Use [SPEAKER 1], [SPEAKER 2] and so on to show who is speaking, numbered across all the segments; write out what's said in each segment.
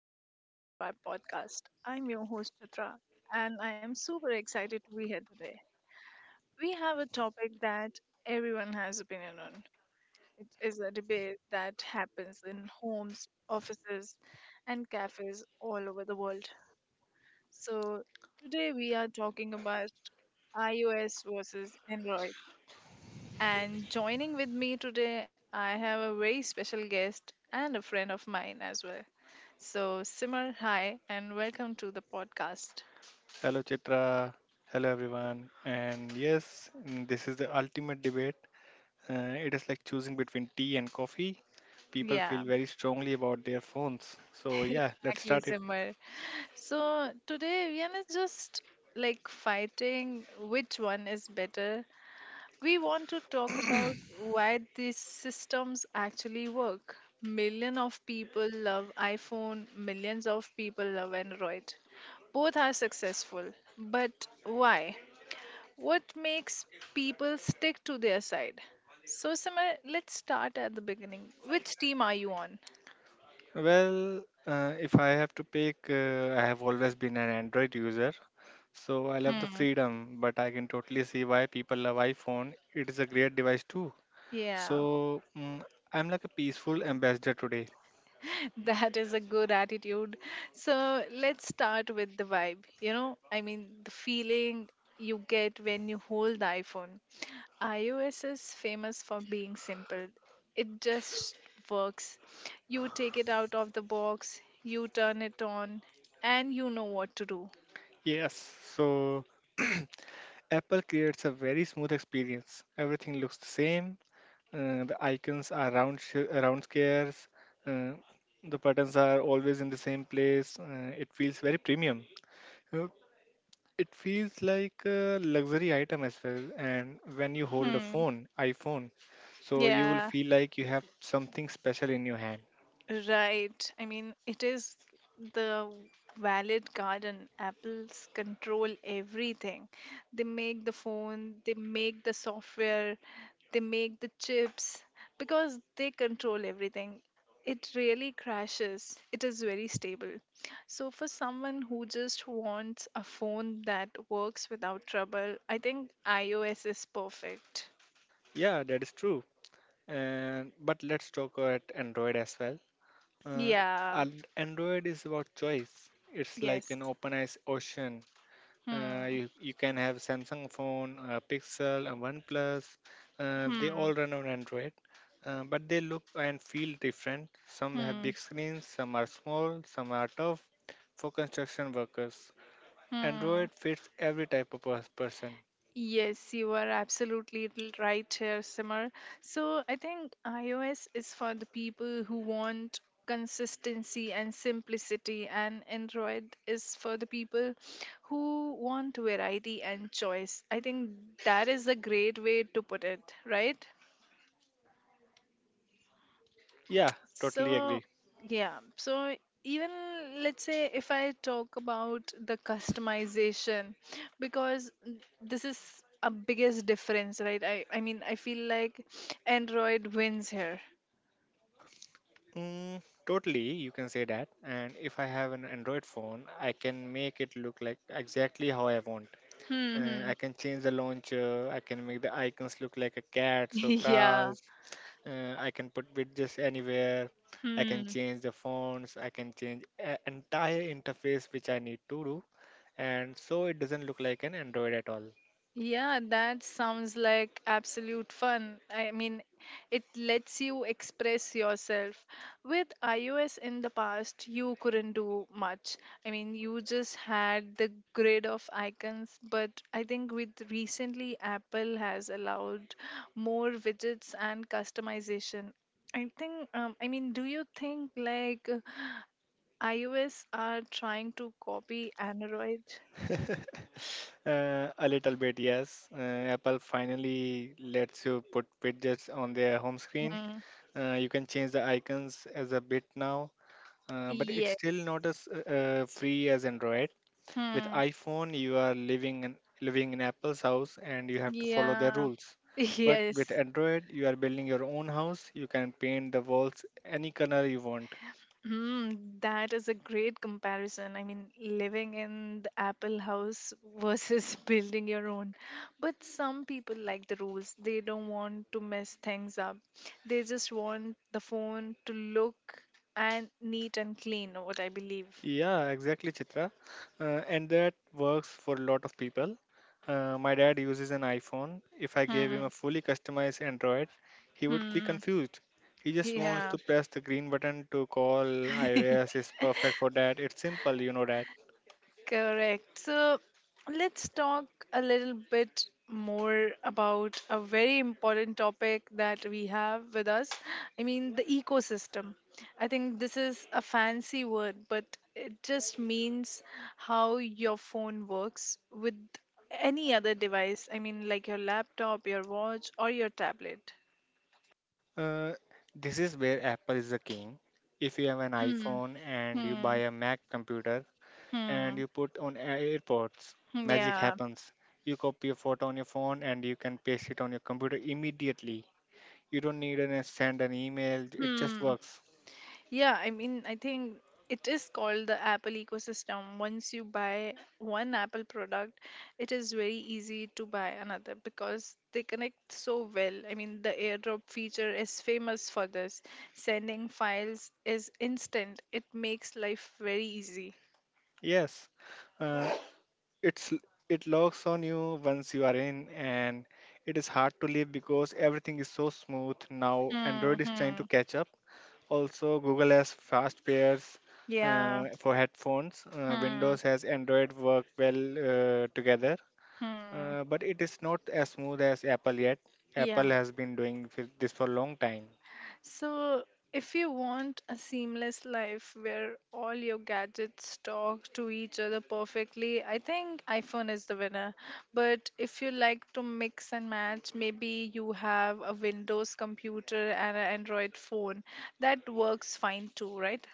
[SPEAKER 1] welcome back to our podcast. I'm your host, Chitra, and I am super excited to be here today. We have a topic that everyone has opinion on. It is a debate that happens in homes, offices, and cafes all over the world. So, today we are talking about iOS versus Android. And joining with me today, I have a very special guest and a friend of mine as well. So, Simmer, hi, and welcome to the podcast.
[SPEAKER 2] Hello, Chitra. Hello, everyone. And yes, this is the ultimate debate. It is like choosing between tea and coffee. People
[SPEAKER 1] Yeah,
[SPEAKER 2] feel very strongly about their phones. So, yeah, let's
[SPEAKER 1] exactly,
[SPEAKER 2] start it.
[SPEAKER 1] Simmer. So, today we are not just like fighting which one is better. We want to talk about why these systems actually work. Million of people love iPhone, millions of people love Android. Both are successful, but why? What makes people stick to their side? So, Sima, let's start at the beginning. Which team are you on?
[SPEAKER 2] Well, if I have to pick, I have always been an Android user. So, I love the
[SPEAKER 1] Hmm.
[SPEAKER 2] freedom, but I can totally see why people love iPhone. It is a great device, too.
[SPEAKER 1] Yeah.
[SPEAKER 2] So, mm, I'm like a peaceful ambassador today.
[SPEAKER 1] That is a good attitude. So let's start with the vibe. I mean, the feeling you get when you hold the iPhone. iOS is famous for being simple, it just works. You take it out of the box, you turn it on, and you know what to do.
[SPEAKER 2] Yes. So, Apple creates a very smooth experience. Everything looks the same. The icons are round, round squares. Uh, the buttons are always in the same place. It feels very premium. Uh, it feels like a luxury item as well. And when you hold a
[SPEAKER 1] Hmm.
[SPEAKER 2] phone, iPhone, so you will
[SPEAKER 1] Yeah.
[SPEAKER 2] feel like you have something special in your hand.
[SPEAKER 1] Right. I mean, it is the valid garden. Apples control everything. They make the phone, they make the software, they make the chips because they control everything. It really crashes. It is very stable. So, for someone who just wants a phone that works without trouble, I think iOS is perfect.
[SPEAKER 2] Yeah, that is true. And but let's talk about Android as well. Uh,
[SPEAKER 1] Yeah.
[SPEAKER 2] and Android is about choice. It's like
[SPEAKER 1] Yes.
[SPEAKER 2] an open ice ocean. Uh,
[SPEAKER 1] Hmm.
[SPEAKER 2] you, you can have Samsung phone, a Pixel, a OnePlus. They
[SPEAKER 1] Hmm.
[SPEAKER 2] all run on Android, but they look and feel different. Some have
[SPEAKER 1] Hmm.
[SPEAKER 2] big screens, some are small, some are tough for construction workers.
[SPEAKER 1] Hmm.
[SPEAKER 2] Android fits every type of person.
[SPEAKER 1] Yes, you are absolutely right here, Simar. So I think iOS is for the people who want consistency and simplicity, and Android is for the people who want variety and choice. I think that is a great way to put it, right?
[SPEAKER 2] Yeah, totally
[SPEAKER 1] So,
[SPEAKER 2] agree.
[SPEAKER 1] yeah. So, even let's say if I talk about the customization, because this is a biggest difference, right? I mean, I feel like Android wins here.
[SPEAKER 2] Mm, Totally, you can say that. And if I have an Android phone, I can make it look like exactly how I want.
[SPEAKER 1] Hmm. Hmm.
[SPEAKER 2] I can change the launcher. I can make the icons look like a cat, so
[SPEAKER 1] Yeah.
[SPEAKER 2] cars. I can put widgets anywhere. I can
[SPEAKER 1] Hmm.
[SPEAKER 2] change the fonts. I can change entire interface which I need to do, and so it doesn't look like an Android at all.
[SPEAKER 1] Yeah, that sounds like absolute fun. I mean, it lets you express yourself. With iOS in the past, you couldn't do much. I mean, you just had the grid of icons, but I think with recently, Apple has allowed more widgets and customization. I think, I mean, do you think like iOS are trying to copy Android?
[SPEAKER 2] A little bit, yes. Apple finally lets you put widgets on their home screen.
[SPEAKER 1] Mm.
[SPEAKER 2] You can change the icons as a bit now, but it's
[SPEAKER 1] Yes.
[SPEAKER 2] still not as free as Android with
[SPEAKER 1] Hmm.
[SPEAKER 2] iPhone, you are living in Apple's house and you have to follow their
[SPEAKER 1] Yeah.
[SPEAKER 2] rules. But with
[SPEAKER 1] Yes.
[SPEAKER 2] Android, you are building your own house. You can paint the walls any color you want.
[SPEAKER 1] Mm, that is a great comparison. I mean, living in the Apple house versus building your own. But some people like the rules. They don't want to mess things up. They just want the phone to look and neat and clean, what I believe.
[SPEAKER 2] Yeah, exactly, Chitra. And that works for a lot of people. My dad uses an iPhone. If I gave him
[SPEAKER 1] Hmm.
[SPEAKER 2] a fully customized Android, he would be
[SPEAKER 1] Hmm.
[SPEAKER 2] confused. He just wants
[SPEAKER 1] Yeah.
[SPEAKER 2] to press the green button to call. iOS is perfect for that. It's simple, you know that.
[SPEAKER 1] Correct. So let's talk a little bit more about a very important topic that we have with us. I mean, the ecosystem. I think this is a fancy word, but it just means how your phone works with any other device. I mean, like your laptop, your watch, or your tablet.
[SPEAKER 2] Uh, this is where Apple is the king. If you have an
[SPEAKER 1] Hmm.
[SPEAKER 2] iPhone and you buy
[SPEAKER 1] Hmm.
[SPEAKER 2] a Mac computer and
[SPEAKER 1] Hmm.
[SPEAKER 2] you put on AirPods, magic
[SPEAKER 1] Yeah.
[SPEAKER 2] happens. You copy a photo on your phone and you can paste it on your computer immediately. You don't need to send an email, it just
[SPEAKER 1] Hmm.
[SPEAKER 2] works.
[SPEAKER 1] Yeah, I mean, I think it is called the Apple ecosystem. Once you buy one Apple product, it is very easy to buy another because they connect so well. I mean, the AirDrop feature is famous for this. Sending files is instant, it makes life very easy.
[SPEAKER 2] Yes, uh, it's it locks on you once you are in, and it is hard to leave because everything is so smooth now.
[SPEAKER 1] Hmm.
[SPEAKER 2] Android is trying to
[SPEAKER 1] Hmm.
[SPEAKER 2] catch up. Also, Google has fast pairs
[SPEAKER 1] Yeah.
[SPEAKER 2] for headphones.
[SPEAKER 1] Hmm.
[SPEAKER 2] Windows has Android work well together,
[SPEAKER 1] Hmm.
[SPEAKER 2] but it is not as smooth as Apple yet.
[SPEAKER 1] Yeah.
[SPEAKER 2] Apple has been doing this for a long time.
[SPEAKER 1] So, if you want a seamless life where all your gadgets talk to each other perfectly, I think iPhone is the winner. But if you like to mix and match, maybe you have a Windows computer and an Android phone. That works fine too, right?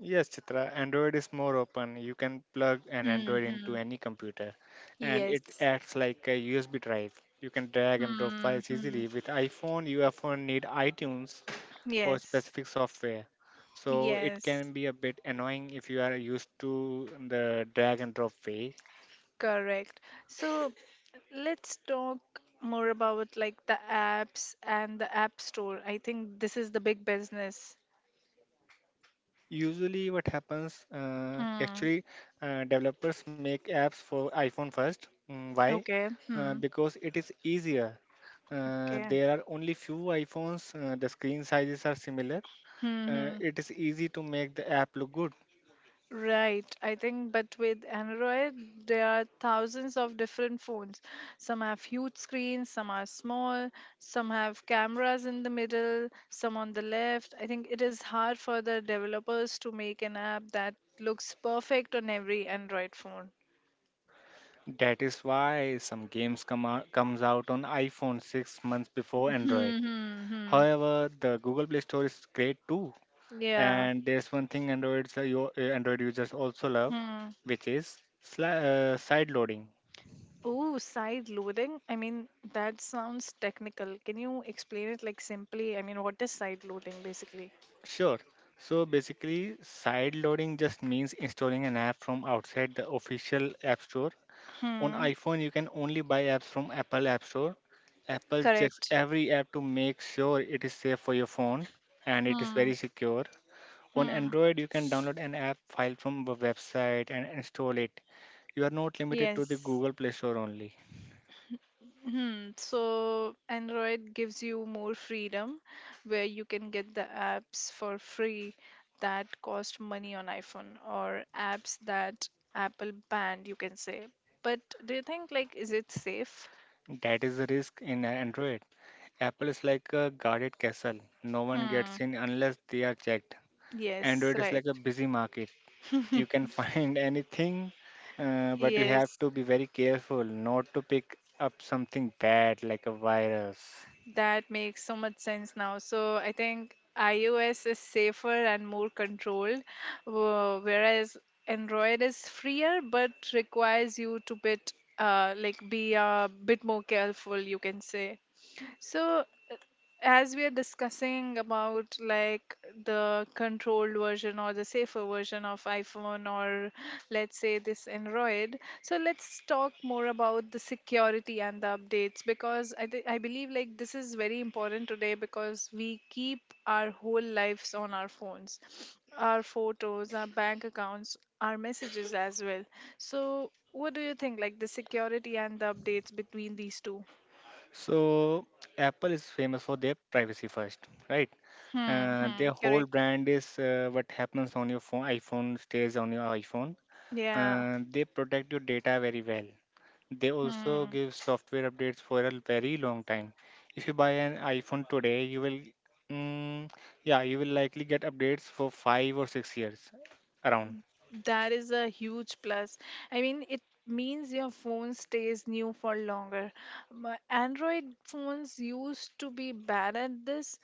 [SPEAKER 2] Yes, Chitra, Android is more open. You can plug an Android
[SPEAKER 1] Mm-hmm.
[SPEAKER 2] into any computer, and it
[SPEAKER 1] Yes.
[SPEAKER 2] acts like a USB drive. You can drag and drop files
[SPEAKER 1] Mm-hmm.
[SPEAKER 2] easily. With iPhone, you often need iTunes or
[SPEAKER 1] Yes.
[SPEAKER 2] specific software. So it
[SPEAKER 1] Yes.
[SPEAKER 2] can be a bit annoying if you are used to the drag and drop way.
[SPEAKER 1] Correct. So let's talk more about like the apps and the app store. I think this is the big business.
[SPEAKER 2] Usually, what happens
[SPEAKER 1] Hmm.
[SPEAKER 2] developers make apps for iPhone first. Why?
[SPEAKER 1] Okay. Hmm.
[SPEAKER 2] Because it is easier.
[SPEAKER 1] Okay.
[SPEAKER 2] There are only few iPhones, the screen sizes are similar.
[SPEAKER 1] Hmm. Hmm.
[SPEAKER 2] It is easy to make the app look good.
[SPEAKER 1] Right. I think, but with Android, there are thousands of different phones. Some have huge screens, some are small, some have cameras in the middle, some on the left. I think it is hard for the developers to make an app that looks perfect on every Android phone.
[SPEAKER 2] That is why some comes out on iPhone 6 months before Android.
[SPEAKER 1] Hmm. Hmm. Hmm.
[SPEAKER 2] However, the Google Play Store is great too.
[SPEAKER 1] Yeah.
[SPEAKER 2] And there's one thing Android users also love,
[SPEAKER 1] Hmm.
[SPEAKER 2] which is side loading.
[SPEAKER 1] Oh, side loading. I mean, that sounds technical. Can you explain it like simply? I mean, what is side loading basically?
[SPEAKER 2] Sure. So basically, side loading just means installing an app from outside the official App Store. On
[SPEAKER 1] Hmm.
[SPEAKER 2] iPhone, you can only buy apps from Apple App Store. Apple checks
[SPEAKER 1] Correct.
[SPEAKER 2] every app to make sure it is safe for your phone and it is
[SPEAKER 1] Hmm.
[SPEAKER 2] very secure. On
[SPEAKER 1] Hmm.
[SPEAKER 2] Android, you can download an app file from a website and install it. You are not limited to the
[SPEAKER 1] Yes.
[SPEAKER 2] Google Play Store only.
[SPEAKER 1] Hmm. So Android gives you more freedom where you can get the apps for free that cost money on iPhone or apps that Apple banned, you can say. But do you think like is it safe?
[SPEAKER 2] That is the risk in Android. Apple is like a guarded castle. No one
[SPEAKER 1] Hmm.
[SPEAKER 2] gets in unless they are checked.
[SPEAKER 1] Yes,
[SPEAKER 2] Android is like
[SPEAKER 1] right.
[SPEAKER 2] a busy market. You can find anything, but you have
[SPEAKER 1] Yes.
[SPEAKER 2] to be very careful not to pick up something bad like a virus.
[SPEAKER 1] That makes so much sense now. So I think iOS is safer and more controlled, whereas Android is freer but requires you to bit like be a bit more careful, you can say. So as we are discussing about like the controlled version or the safer version of iPhone, or let's say this Android, so let's talk more about the security and the updates, because I believe like this is very important today, because we keep our whole lives on our phones, our photos, our bank accounts, our messages as well. So what do you think like the security and the updates between these two?
[SPEAKER 2] So, Apple is famous for their privacy first, right?
[SPEAKER 1] Hmm. Hmm.
[SPEAKER 2] Their whole
[SPEAKER 1] Correct.
[SPEAKER 2] brand is what happens on your phone. iPhone stays on your iPhone.
[SPEAKER 1] Yeah.
[SPEAKER 2] They protect your data very well. They also
[SPEAKER 1] Hmm,
[SPEAKER 2] give software updates for a very long time. If you buy an iPhone today, mm, yeah, you will likely get updates for 5 or 6 years around.
[SPEAKER 1] that is a huge plus. I mean, it means your phone stays new for longer. My Android phones used to be bad at this.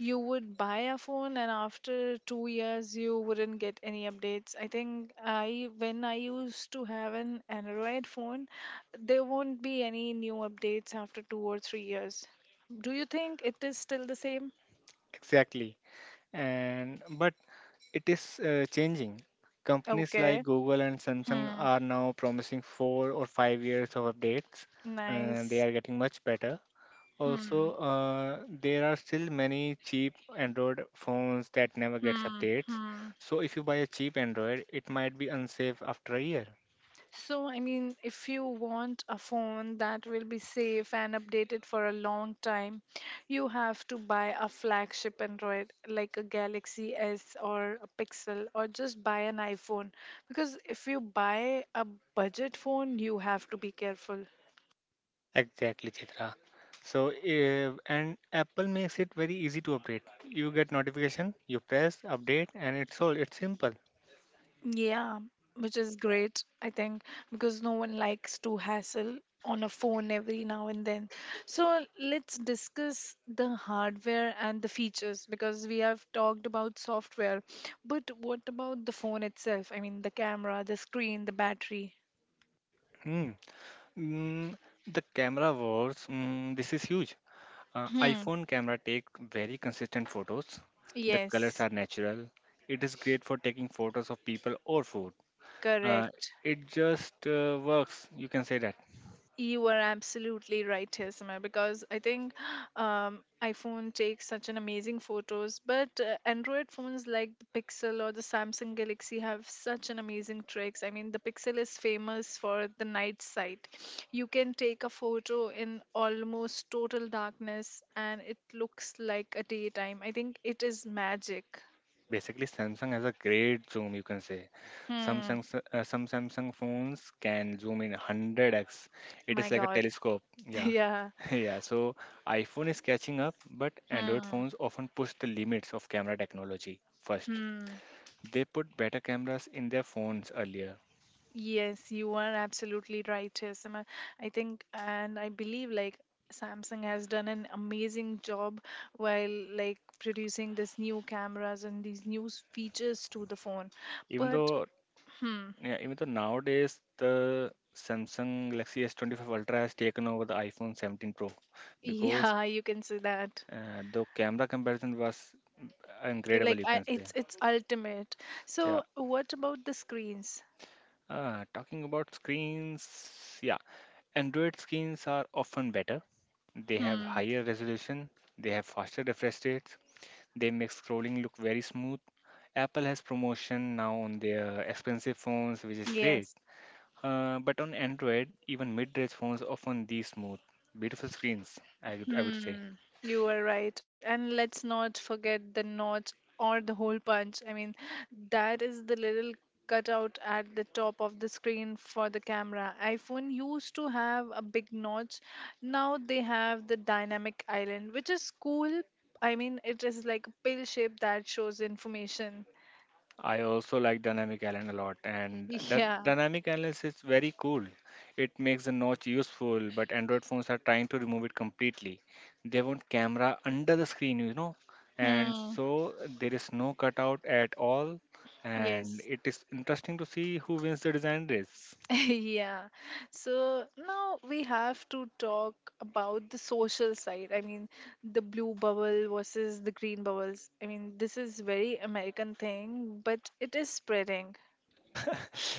[SPEAKER 1] You would buy a phone, and after 2 years, you wouldn't get any updates. I think, when I used to have an Android phone, there won't be any new updates after 2 or 3 years. Do you think it is still the same?
[SPEAKER 2] Exactly. And but it is changing. Companies like
[SPEAKER 1] Okay.
[SPEAKER 2] Google and Samsung
[SPEAKER 1] Hmm,
[SPEAKER 2] are now promising 4 or 5 years of updates. They
[SPEAKER 1] nice.
[SPEAKER 2] are getting much better.
[SPEAKER 1] Hmm.
[SPEAKER 2] Also, there are still many cheap Android phones that never gets updates.
[SPEAKER 1] Hmm.
[SPEAKER 2] So if you buy a cheap Android, it might be unsafe after a year.
[SPEAKER 1] So, I mean, if you want a phone that will be safe and updated for a long time, you have to buy a flagship Android like a Galaxy S or a Pixel, or just buy an iPhone. Because if you buy a budget phone, you have to be careful.
[SPEAKER 2] Exactly, Chitra. So and Apple makes it very easy to update. You get notification, you press update, and it's all. It's simple.
[SPEAKER 1] Yeah, which is great, I think, because no one likes to hassle on a phone every now and then. So let's discuss the hardware and the features because we have talked about software, but what about the phone itself? I mean, the camera, the screen, the battery.
[SPEAKER 2] Hmm. Mm, the camera works. This is huge.
[SPEAKER 1] Hmm.
[SPEAKER 2] iPhone camera take very consistent photos. The colors
[SPEAKER 1] Yes,
[SPEAKER 2] are natural. It is great for taking photos of people or food. Uh,
[SPEAKER 1] correct.
[SPEAKER 2] it just works. You can say that.
[SPEAKER 1] You are absolutely right, Yasima, because I think iPhone takes such an amazing photos, but Android phones like the Pixel or the Samsung Galaxy have such an amazing tricks. I mean, the Pixel is famous for the night sight. You can take a photo in almost total darkness, and it looks like a daytime. I think it is magic.
[SPEAKER 2] Basically, Samsung has a great zoom. You can say
[SPEAKER 1] Hmm.
[SPEAKER 2] Some Samsung phones can zoom in 100x. It
[SPEAKER 1] My
[SPEAKER 2] is like a
[SPEAKER 1] God.
[SPEAKER 2] telescope. Yeah,
[SPEAKER 1] Yeah.
[SPEAKER 2] yeah. So iPhone is catching up, but Android
[SPEAKER 1] Hmm.
[SPEAKER 2] phones often push the limits of camera technology first.
[SPEAKER 1] Hmm.
[SPEAKER 2] They put better cameras in their phones earlier.
[SPEAKER 1] Yes, you are absolutely right, Chesima. I think and I believe like Samsung has done an amazing job while like producing these new cameras and these new features to the phone.
[SPEAKER 2] Even
[SPEAKER 1] But
[SPEAKER 2] though,
[SPEAKER 1] hmm,
[SPEAKER 2] yeah, even though nowadays the Samsung Galaxy S25 Ultra has taken over the iPhone 17 Pro because
[SPEAKER 1] yeah, you can say that.
[SPEAKER 2] The camera comparison was incredible,
[SPEAKER 1] Like
[SPEAKER 2] you
[SPEAKER 1] I,
[SPEAKER 2] can say.
[SPEAKER 1] it's ultimate.
[SPEAKER 2] Yeah.
[SPEAKER 1] So what about the screens?
[SPEAKER 2] Talking about screens, yeah, Android screens are often better. They have
[SPEAKER 1] Hmm.
[SPEAKER 2] higher resolution, they have faster refresh rates, they make scrolling look very smooth. Apple has promotion now on their expensive phones, which is great.
[SPEAKER 1] Yes.
[SPEAKER 2] But on Android, even mid-range phones often these smooth, beautiful screens, I would say.
[SPEAKER 1] Hmm, you are right. And let's not forget the notch or the hole punch. I mean, that is the little cutout at the top of the screen for the camera. iPhone used to have a big notch. Now they have the dynamic island, which is cool. I mean, it is like a pill shape that shows information.
[SPEAKER 2] I also like dynamic island a lot, and that
[SPEAKER 1] Yeah.
[SPEAKER 2] dynamic island is very cool. It makes the notch useful, but Android phones are trying to remove it completely. They want camera under the screen, you know, and
[SPEAKER 1] Hmm.
[SPEAKER 2] so there is no cutout at all. And
[SPEAKER 1] Yes.
[SPEAKER 2] it is interesting to see who wins the design race.
[SPEAKER 1] Yeah. So now we have to talk about the social side. I mean, the blue bubble versus the green bubbles. I mean, this is very American thing, but it is spreading.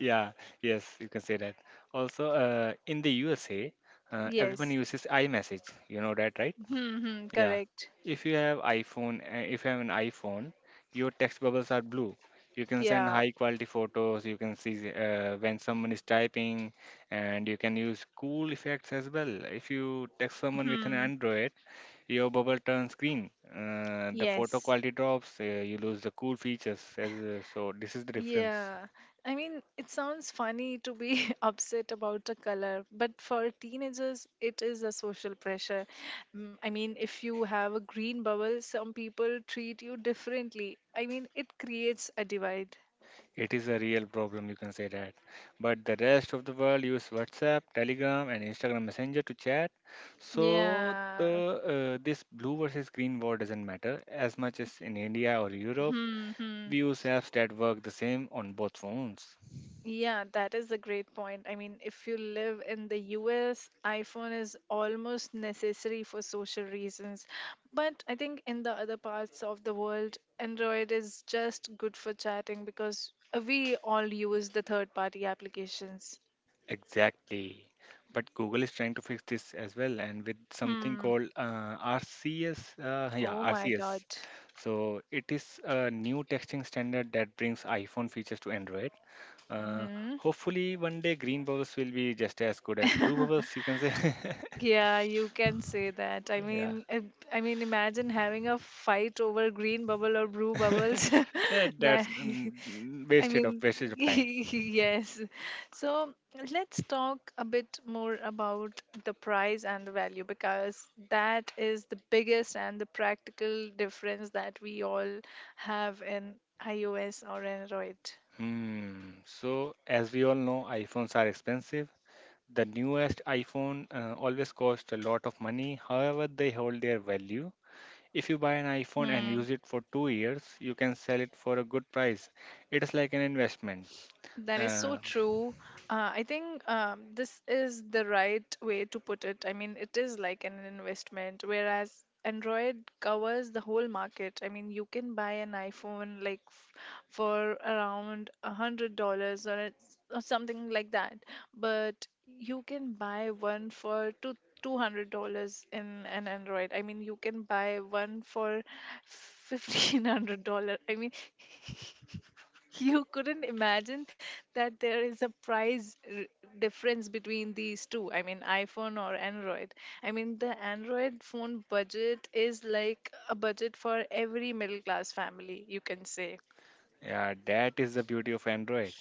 [SPEAKER 2] Yeah, yes, you can say that. Also, in the USA, everyone
[SPEAKER 1] Yes.
[SPEAKER 2] uses iMessage. You know that, right?
[SPEAKER 1] Hmm. Hmm,
[SPEAKER 2] Yeah.
[SPEAKER 1] correct.
[SPEAKER 2] If you have an iPhone, your text bubbles are blue. You can send
[SPEAKER 1] Yeah.
[SPEAKER 2] high quality photos. You can see when someone is typing, and you can use cool effects as well. If you text someone with an
[SPEAKER 1] Hmm.
[SPEAKER 2] Android, your bubble turns green. The photo
[SPEAKER 1] Yes.
[SPEAKER 2] quality drops. You lose the cool features. So this is the difference.
[SPEAKER 1] Yeah, I mean, it sounds funny to be upset about a color, but for teenagers, it is a social pressure. I mean, if you have a green bubble, some people treat you differently. I mean, it creates a divide.
[SPEAKER 2] It is a real problem, you can say that. But the rest of the world use WhatsApp, Telegram, and Instagram Messenger to chat. So
[SPEAKER 1] Yeah.
[SPEAKER 2] the this blue versus green war doesn't matter as much as in India or Europe.
[SPEAKER 1] Hmm. Hmm.
[SPEAKER 2] We use apps that work the same on both phones.
[SPEAKER 1] Yeah, that is a great point. I mean, if you live in the US, iPhone is almost necessary for social reasons. But I think in the other parts of the world, Android is just good for chatting because we all use the third party applications.
[SPEAKER 2] Exactly. But Google is trying to fix this as well, and with something
[SPEAKER 1] Hmm.
[SPEAKER 2] called RCS, yeah,
[SPEAKER 1] Oh my God.
[SPEAKER 2] RCS. So it is a new texting standard that brings iPhone features to Android. Uh,
[SPEAKER 1] Hmm.
[SPEAKER 2] Hopefully, one day green bubbles will be just as good as blue bubbles. You can say,
[SPEAKER 1] Yeah, you can say that. I
[SPEAKER 2] yeah,
[SPEAKER 1] mean, imagine having a fight over green bubble or blue bubbles.
[SPEAKER 2] yeah,
[SPEAKER 1] That
[SPEAKER 2] that's mm,
[SPEAKER 1] I
[SPEAKER 2] wasted of
[SPEAKER 1] mean,
[SPEAKER 2] wastage of time.
[SPEAKER 1] yes. So let's talk a bit more about the price and the value because that is the biggest and the practical difference that we all have in iOS or Android.
[SPEAKER 2] Hmm. So, as we all know, iPhones are expensive. The newest iPhone always cost a lot of money. However, they hold their value. If you buy an iPhone and
[SPEAKER 1] Hmm.
[SPEAKER 2] use it for 2 years, you can sell it for a good price. It is like an investment.
[SPEAKER 1] That is so
[SPEAKER 2] Uh,
[SPEAKER 1] true. I think this is the right way to put it. I mean, it is like an investment, whereas Android covers the whole market. I mean, you can buy an iPhone like for around $100 or something like that, but you can buy one for two hundred dollars in an Android. I mean, you can buy one for $1,500. I mean, you couldn't imagine that there is a difference between these two. I mean, iPhone or Android. I mean, the Android phone budget is like a budget for every middle class family, you can say.
[SPEAKER 2] Yeah, that is the beauty of Android.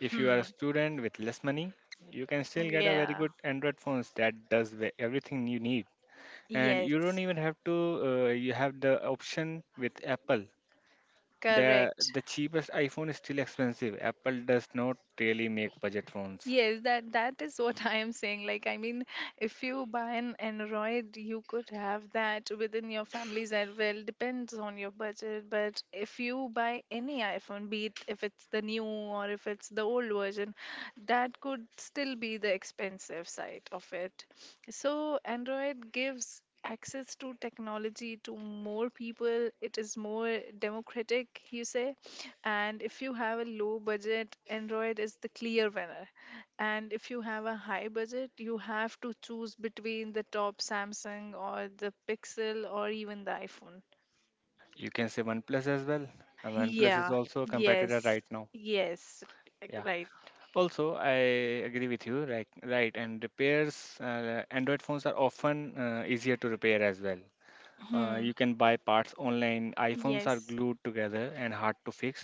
[SPEAKER 2] If you are a
[SPEAKER 1] Hmm.
[SPEAKER 2] student with less money, you can still get a very
[SPEAKER 1] Yeah.
[SPEAKER 2] good Android phones that does everything you need. And you don't
[SPEAKER 1] Yes.
[SPEAKER 2] even have to. You have the option with Apple. The
[SPEAKER 1] Correct.
[SPEAKER 2] the cheapest iPhone is still expensive. Apple does not really make budget phones.
[SPEAKER 1] Yes, that is what I am saying. Like, I mean, if you buy an Android, you could have that within your families as well. Depends on your budget. But if you buy any iPhone, be it if it's the new or if it's the old version, that could still be the expensive side of it. So Android gives access to technology to more people. It is more democratic, you say. And if you have a low budget, Android is the clear winner. And if you have a high budget, you have to choose between the top Samsung or the Pixel or even the iPhone.
[SPEAKER 2] You can say OnePlus as well. And OnePlus is
[SPEAKER 1] Yeah,
[SPEAKER 2] also a competitor
[SPEAKER 1] yes,
[SPEAKER 2] right now.
[SPEAKER 1] yes,
[SPEAKER 2] Yeah.
[SPEAKER 1] right.
[SPEAKER 2] Also, I agree with you. Right. Right. And repairs. Android phones are often easier to repair as well.
[SPEAKER 1] Hmm.
[SPEAKER 2] You can buy parts online. iPhones are
[SPEAKER 1] Yes.
[SPEAKER 2] glued together and hard to fix.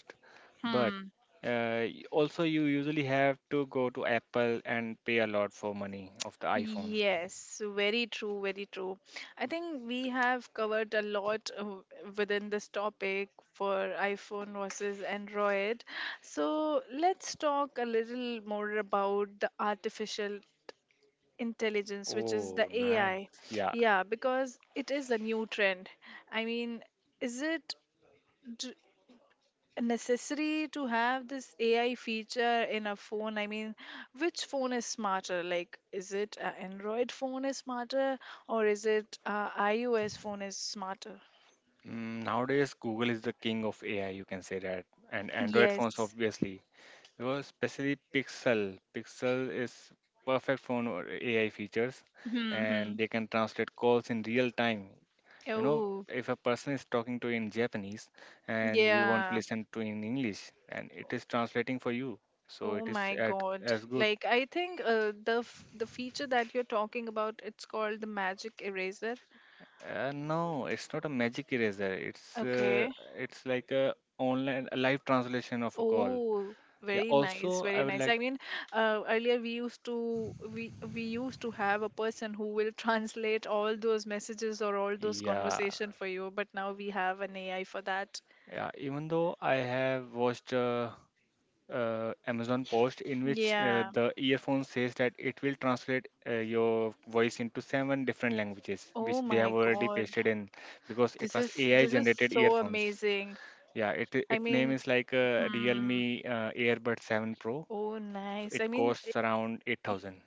[SPEAKER 2] But
[SPEAKER 1] Hmm.
[SPEAKER 2] also, you usually have to go to Apple and pay a lot for money of the iPhone.
[SPEAKER 1] Yes, very true, very true. I think we have covered a lot within this topic for iPhone versus Android. So let's talk a little more about the artificial intelligence, which is the
[SPEAKER 2] Oh, nice.
[SPEAKER 1] AI.
[SPEAKER 2] Yeah.
[SPEAKER 1] Yeah, because it is a new trend. I mean, is it d- necessary to have this AI feature in a phone? I mean, which phone is smarter? Like, is it an Android phone is smarter, or is it a iOS phone is smarter?
[SPEAKER 2] Nowadays, Google is the king of AI, you can say that. And Android phones,
[SPEAKER 1] Yes.
[SPEAKER 2] obviously. Because especially Pixel. Pixel is perfect phone or AI features.
[SPEAKER 1] Mm-hmm.
[SPEAKER 2] And they can translate calls in real time. You know,
[SPEAKER 1] Oh,
[SPEAKER 2] if a person is talking to you in Japanese and you want to
[SPEAKER 1] yeah.
[SPEAKER 2] listen to in English and it is translating for you, so
[SPEAKER 1] Oh my God.
[SPEAKER 2] as good.
[SPEAKER 1] Like, I think the feature that you're talking about, it's called the magic eraser.
[SPEAKER 2] No, it's not a magic eraser.
[SPEAKER 1] Okay.
[SPEAKER 2] It's like a online a live translation of a call.
[SPEAKER 1] Oh,
[SPEAKER 2] Yeah.
[SPEAKER 1] very nice,
[SPEAKER 2] Also, I
[SPEAKER 1] very
[SPEAKER 2] would
[SPEAKER 1] nice.
[SPEAKER 2] like.
[SPEAKER 1] I mean, earlier we used to have a person who will translate all those messages or all those
[SPEAKER 2] Yeah,
[SPEAKER 1] conversation for you, but now we have an AI for that.
[SPEAKER 2] yeah. Even though I have watched Amazon post in which
[SPEAKER 1] Yeah.
[SPEAKER 2] the earphone says that it will translate your voice into 7 different languages,
[SPEAKER 1] Oh
[SPEAKER 2] which they have
[SPEAKER 1] my
[SPEAKER 2] already
[SPEAKER 1] God.
[SPEAKER 2] pasted in because it
[SPEAKER 1] This
[SPEAKER 2] was
[SPEAKER 1] is
[SPEAKER 2] AI
[SPEAKER 1] this is
[SPEAKER 2] generated
[SPEAKER 1] so
[SPEAKER 2] earphones.
[SPEAKER 1] amazing.
[SPEAKER 2] Yeah, it
[SPEAKER 1] I
[SPEAKER 2] it name
[SPEAKER 1] mean,
[SPEAKER 2] is like
[SPEAKER 1] hmm.
[SPEAKER 2] Realme Airbud 7 Pro.
[SPEAKER 1] Oh,
[SPEAKER 2] So
[SPEAKER 1] nice. I
[SPEAKER 2] it
[SPEAKER 1] mean,
[SPEAKER 2] costs around 8,000.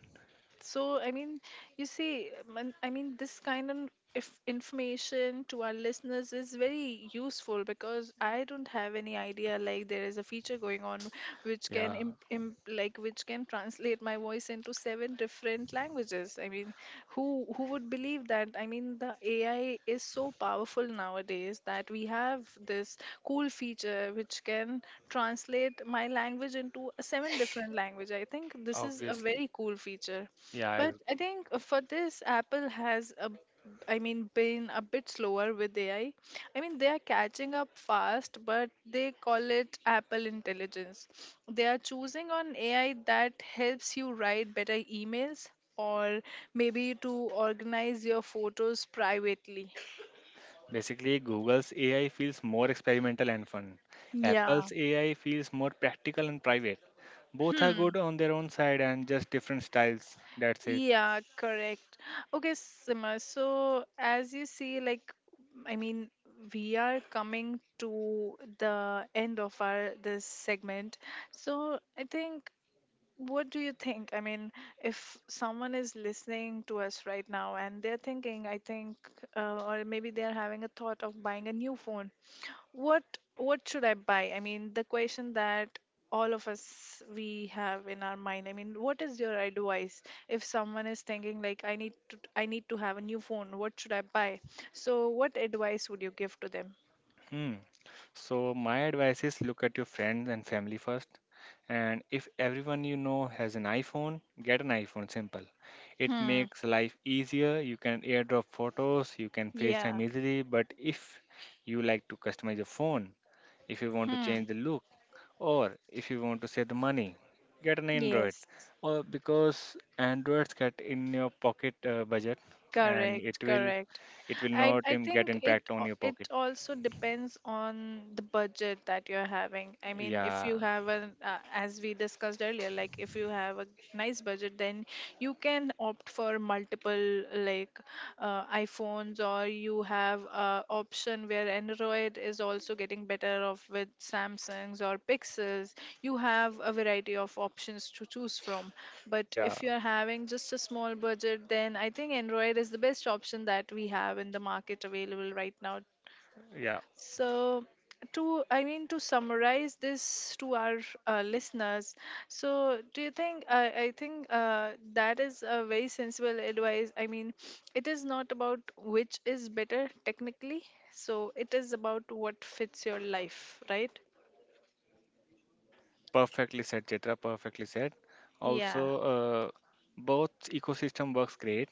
[SPEAKER 1] so, I mean, you see. I mean, this kind of if information to our listeners is very useful, because I don't have any idea like there is a feature going on which can
[SPEAKER 2] Yeah,
[SPEAKER 1] like which can translate my voice into seven different languages. I mean, who would believe that? I mean, the AI is so powerful nowadays that we have this cool feature which can translate my language into a seven different language. I think this is a
[SPEAKER 2] obviously.
[SPEAKER 1] very cool feature.
[SPEAKER 2] Yeah,
[SPEAKER 1] But I think for this, Apple has I mean, been a bit slower with AI. I mean, they are catching up fast, but they call it Apple Intelligence. They are choosing on AI that helps you write better emails, or maybe to organize your photos privately.
[SPEAKER 2] basically, Google's AI feels more experimental and fun.
[SPEAKER 1] Yeah.
[SPEAKER 2] Apple's AI feels more practical and private. Both are good on their own side and just different styles. That's it.
[SPEAKER 1] Yeah, correct. Okay, Sima. So, as you see, like, I mean, we are coming to the end of our this segment. So, I think, what do you think? I mean, if someone is listening to us right now and they're thinking, I think, or maybe they're having a thought of buying a new phone, what what should I buy? I mean, the question that all of us we have in our mind. I mean, what is your advice if someone is thinking like, I need to have a new phone, what should I buy? So what advice would you give to them?
[SPEAKER 2] Hmm. So my advice is look at your friends and family first. And if everyone you know has an iPhone, get an iPhone. Simple. It
[SPEAKER 1] Hmm.
[SPEAKER 2] makes life easier. You can airdrop photos, you can FaceTime
[SPEAKER 1] Yeah.
[SPEAKER 2] easily. But if you like to customize your phone, if you want to
[SPEAKER 1] Hmm.
[SPEAKER 2] change the look, or if you want to save the money, get an Android.
[SPEAKER 1] Yes.
[SPEAKER 2] Or because Androids get in your pocket budget, and
[SPEAKER 1] Correct.
[SPEAKER 2] it will
[SPEAKER 1] Correct. I
[SPEAKER 2] not
[SPEAKER 1] I
[SPEAKER 2] get
[SPEAKER 1] think it
[SPEAKER 2] impact on your
[SPEAKER 1] it
[SPEAKER 2] pocket.
[SPEAKER 1] also depends on the budget that you're having. I mean, if
[SPEAKER 2] Yeah.
[SPEAKER 1] you have an as we discussed earlier, like if you have a nice budget, then you can opt for multiple, like iPhones, or you have a option where Android is also getting better off with Samsungs or Pixels. You have a variety of options to choose from. But
[SPEAKER 2] Yeah,
[SPEAKER 1] if you're having just a small budget, then I think Android is the best option that we have in the market available right now.
[SPEAKER 2] yeah,
[SPEAKER 1] So, to I mean to summarize this to our listeners, so do you think, I think that is a very sensible advice. I mean, it is not about which is better technically. So it is about what fits your life, right?
[SPEAKER 2] perfectly said, Chitra, perfectly said. Also,
[SPEAKER 1] Yeah.
[SPEAKER 2] uh, both ecosystem works great.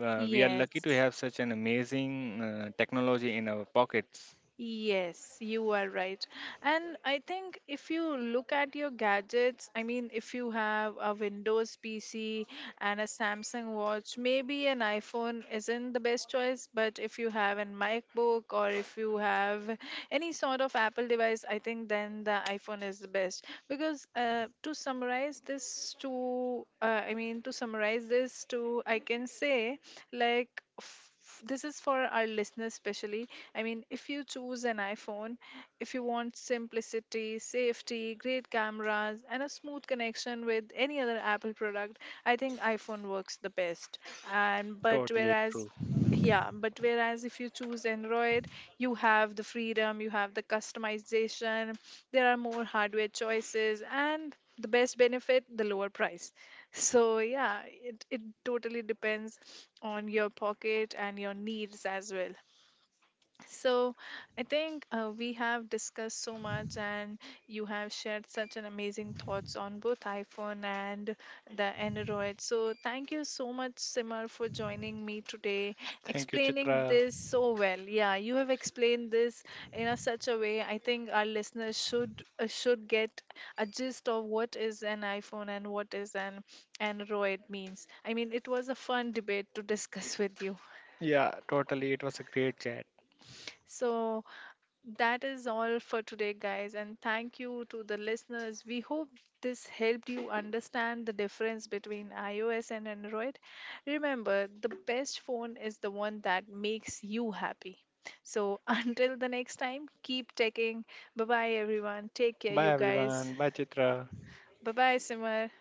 [SPEAKER 2] We are lucky to
[SPEAKER 1] Yes.
[SPEAKER 2] have such an amazing technology in our pockets.
[SPEAKER 1] Yes, you are right. And I think if you look at your gadgets, I mean, if you have a Windows PC and a Samsung watch, maybe an iPhone isn't the best choice. But if you have an MacBook, or if you have any sort of Apple device, I think then the iPhone is the best. Because to summarize this, to I mean, to summarize this, to I can say, like, this is for our listeners especially. I mean, if you choose an iPhone, if you want simplicity, safety, great cameras, and a smooth connection with any other Apple product, I think iPhone works the best. and but
[SPEAKER 2] Totally
[SPEAKER 1] whereas
[SPEAKER 2] true.
[SPEAKER 1] yeah but whereas if you choose Android, you have the freedom, you have the customization, there are more hardware choices, and the best benefit, the lower price. So yeah, it totally depends on your pocket and your needs as well. So, I think we have discussed so much, and you have shared such an amazing thoughts on both iPhone and the Android. So, thank you so much, Simar, for joining me today,
[SPEAKER 2] Thank you,
[SPEAKER 1] explaining
[SPEAKER 2] Chitra.
[SPEAKER 1] this so well. Yeah, you have explained this in a such a way. I think our listeners should get a gist of what is an iPhone and what is an Android means. I mean, it was a fun debate to discuss with you.
[SPEAKER 2] Yeah, totally. It was a great chat.
[SPEAKER 1] So, that is all for today, guys, and thank you to the listeners. We hope this helped you understand the difference between iOS and Android. Remember, the best phone is the one that makes you happy. So, until the next time, keep taking. Bye bye, everyone. Take care, you
[SPEAKER 2] Bye,
[SPEAKER 1] guys.
[SPEAKER 2] everyone. Bye, Chitra.
[SPEAKER 1] Bye bye, Simar.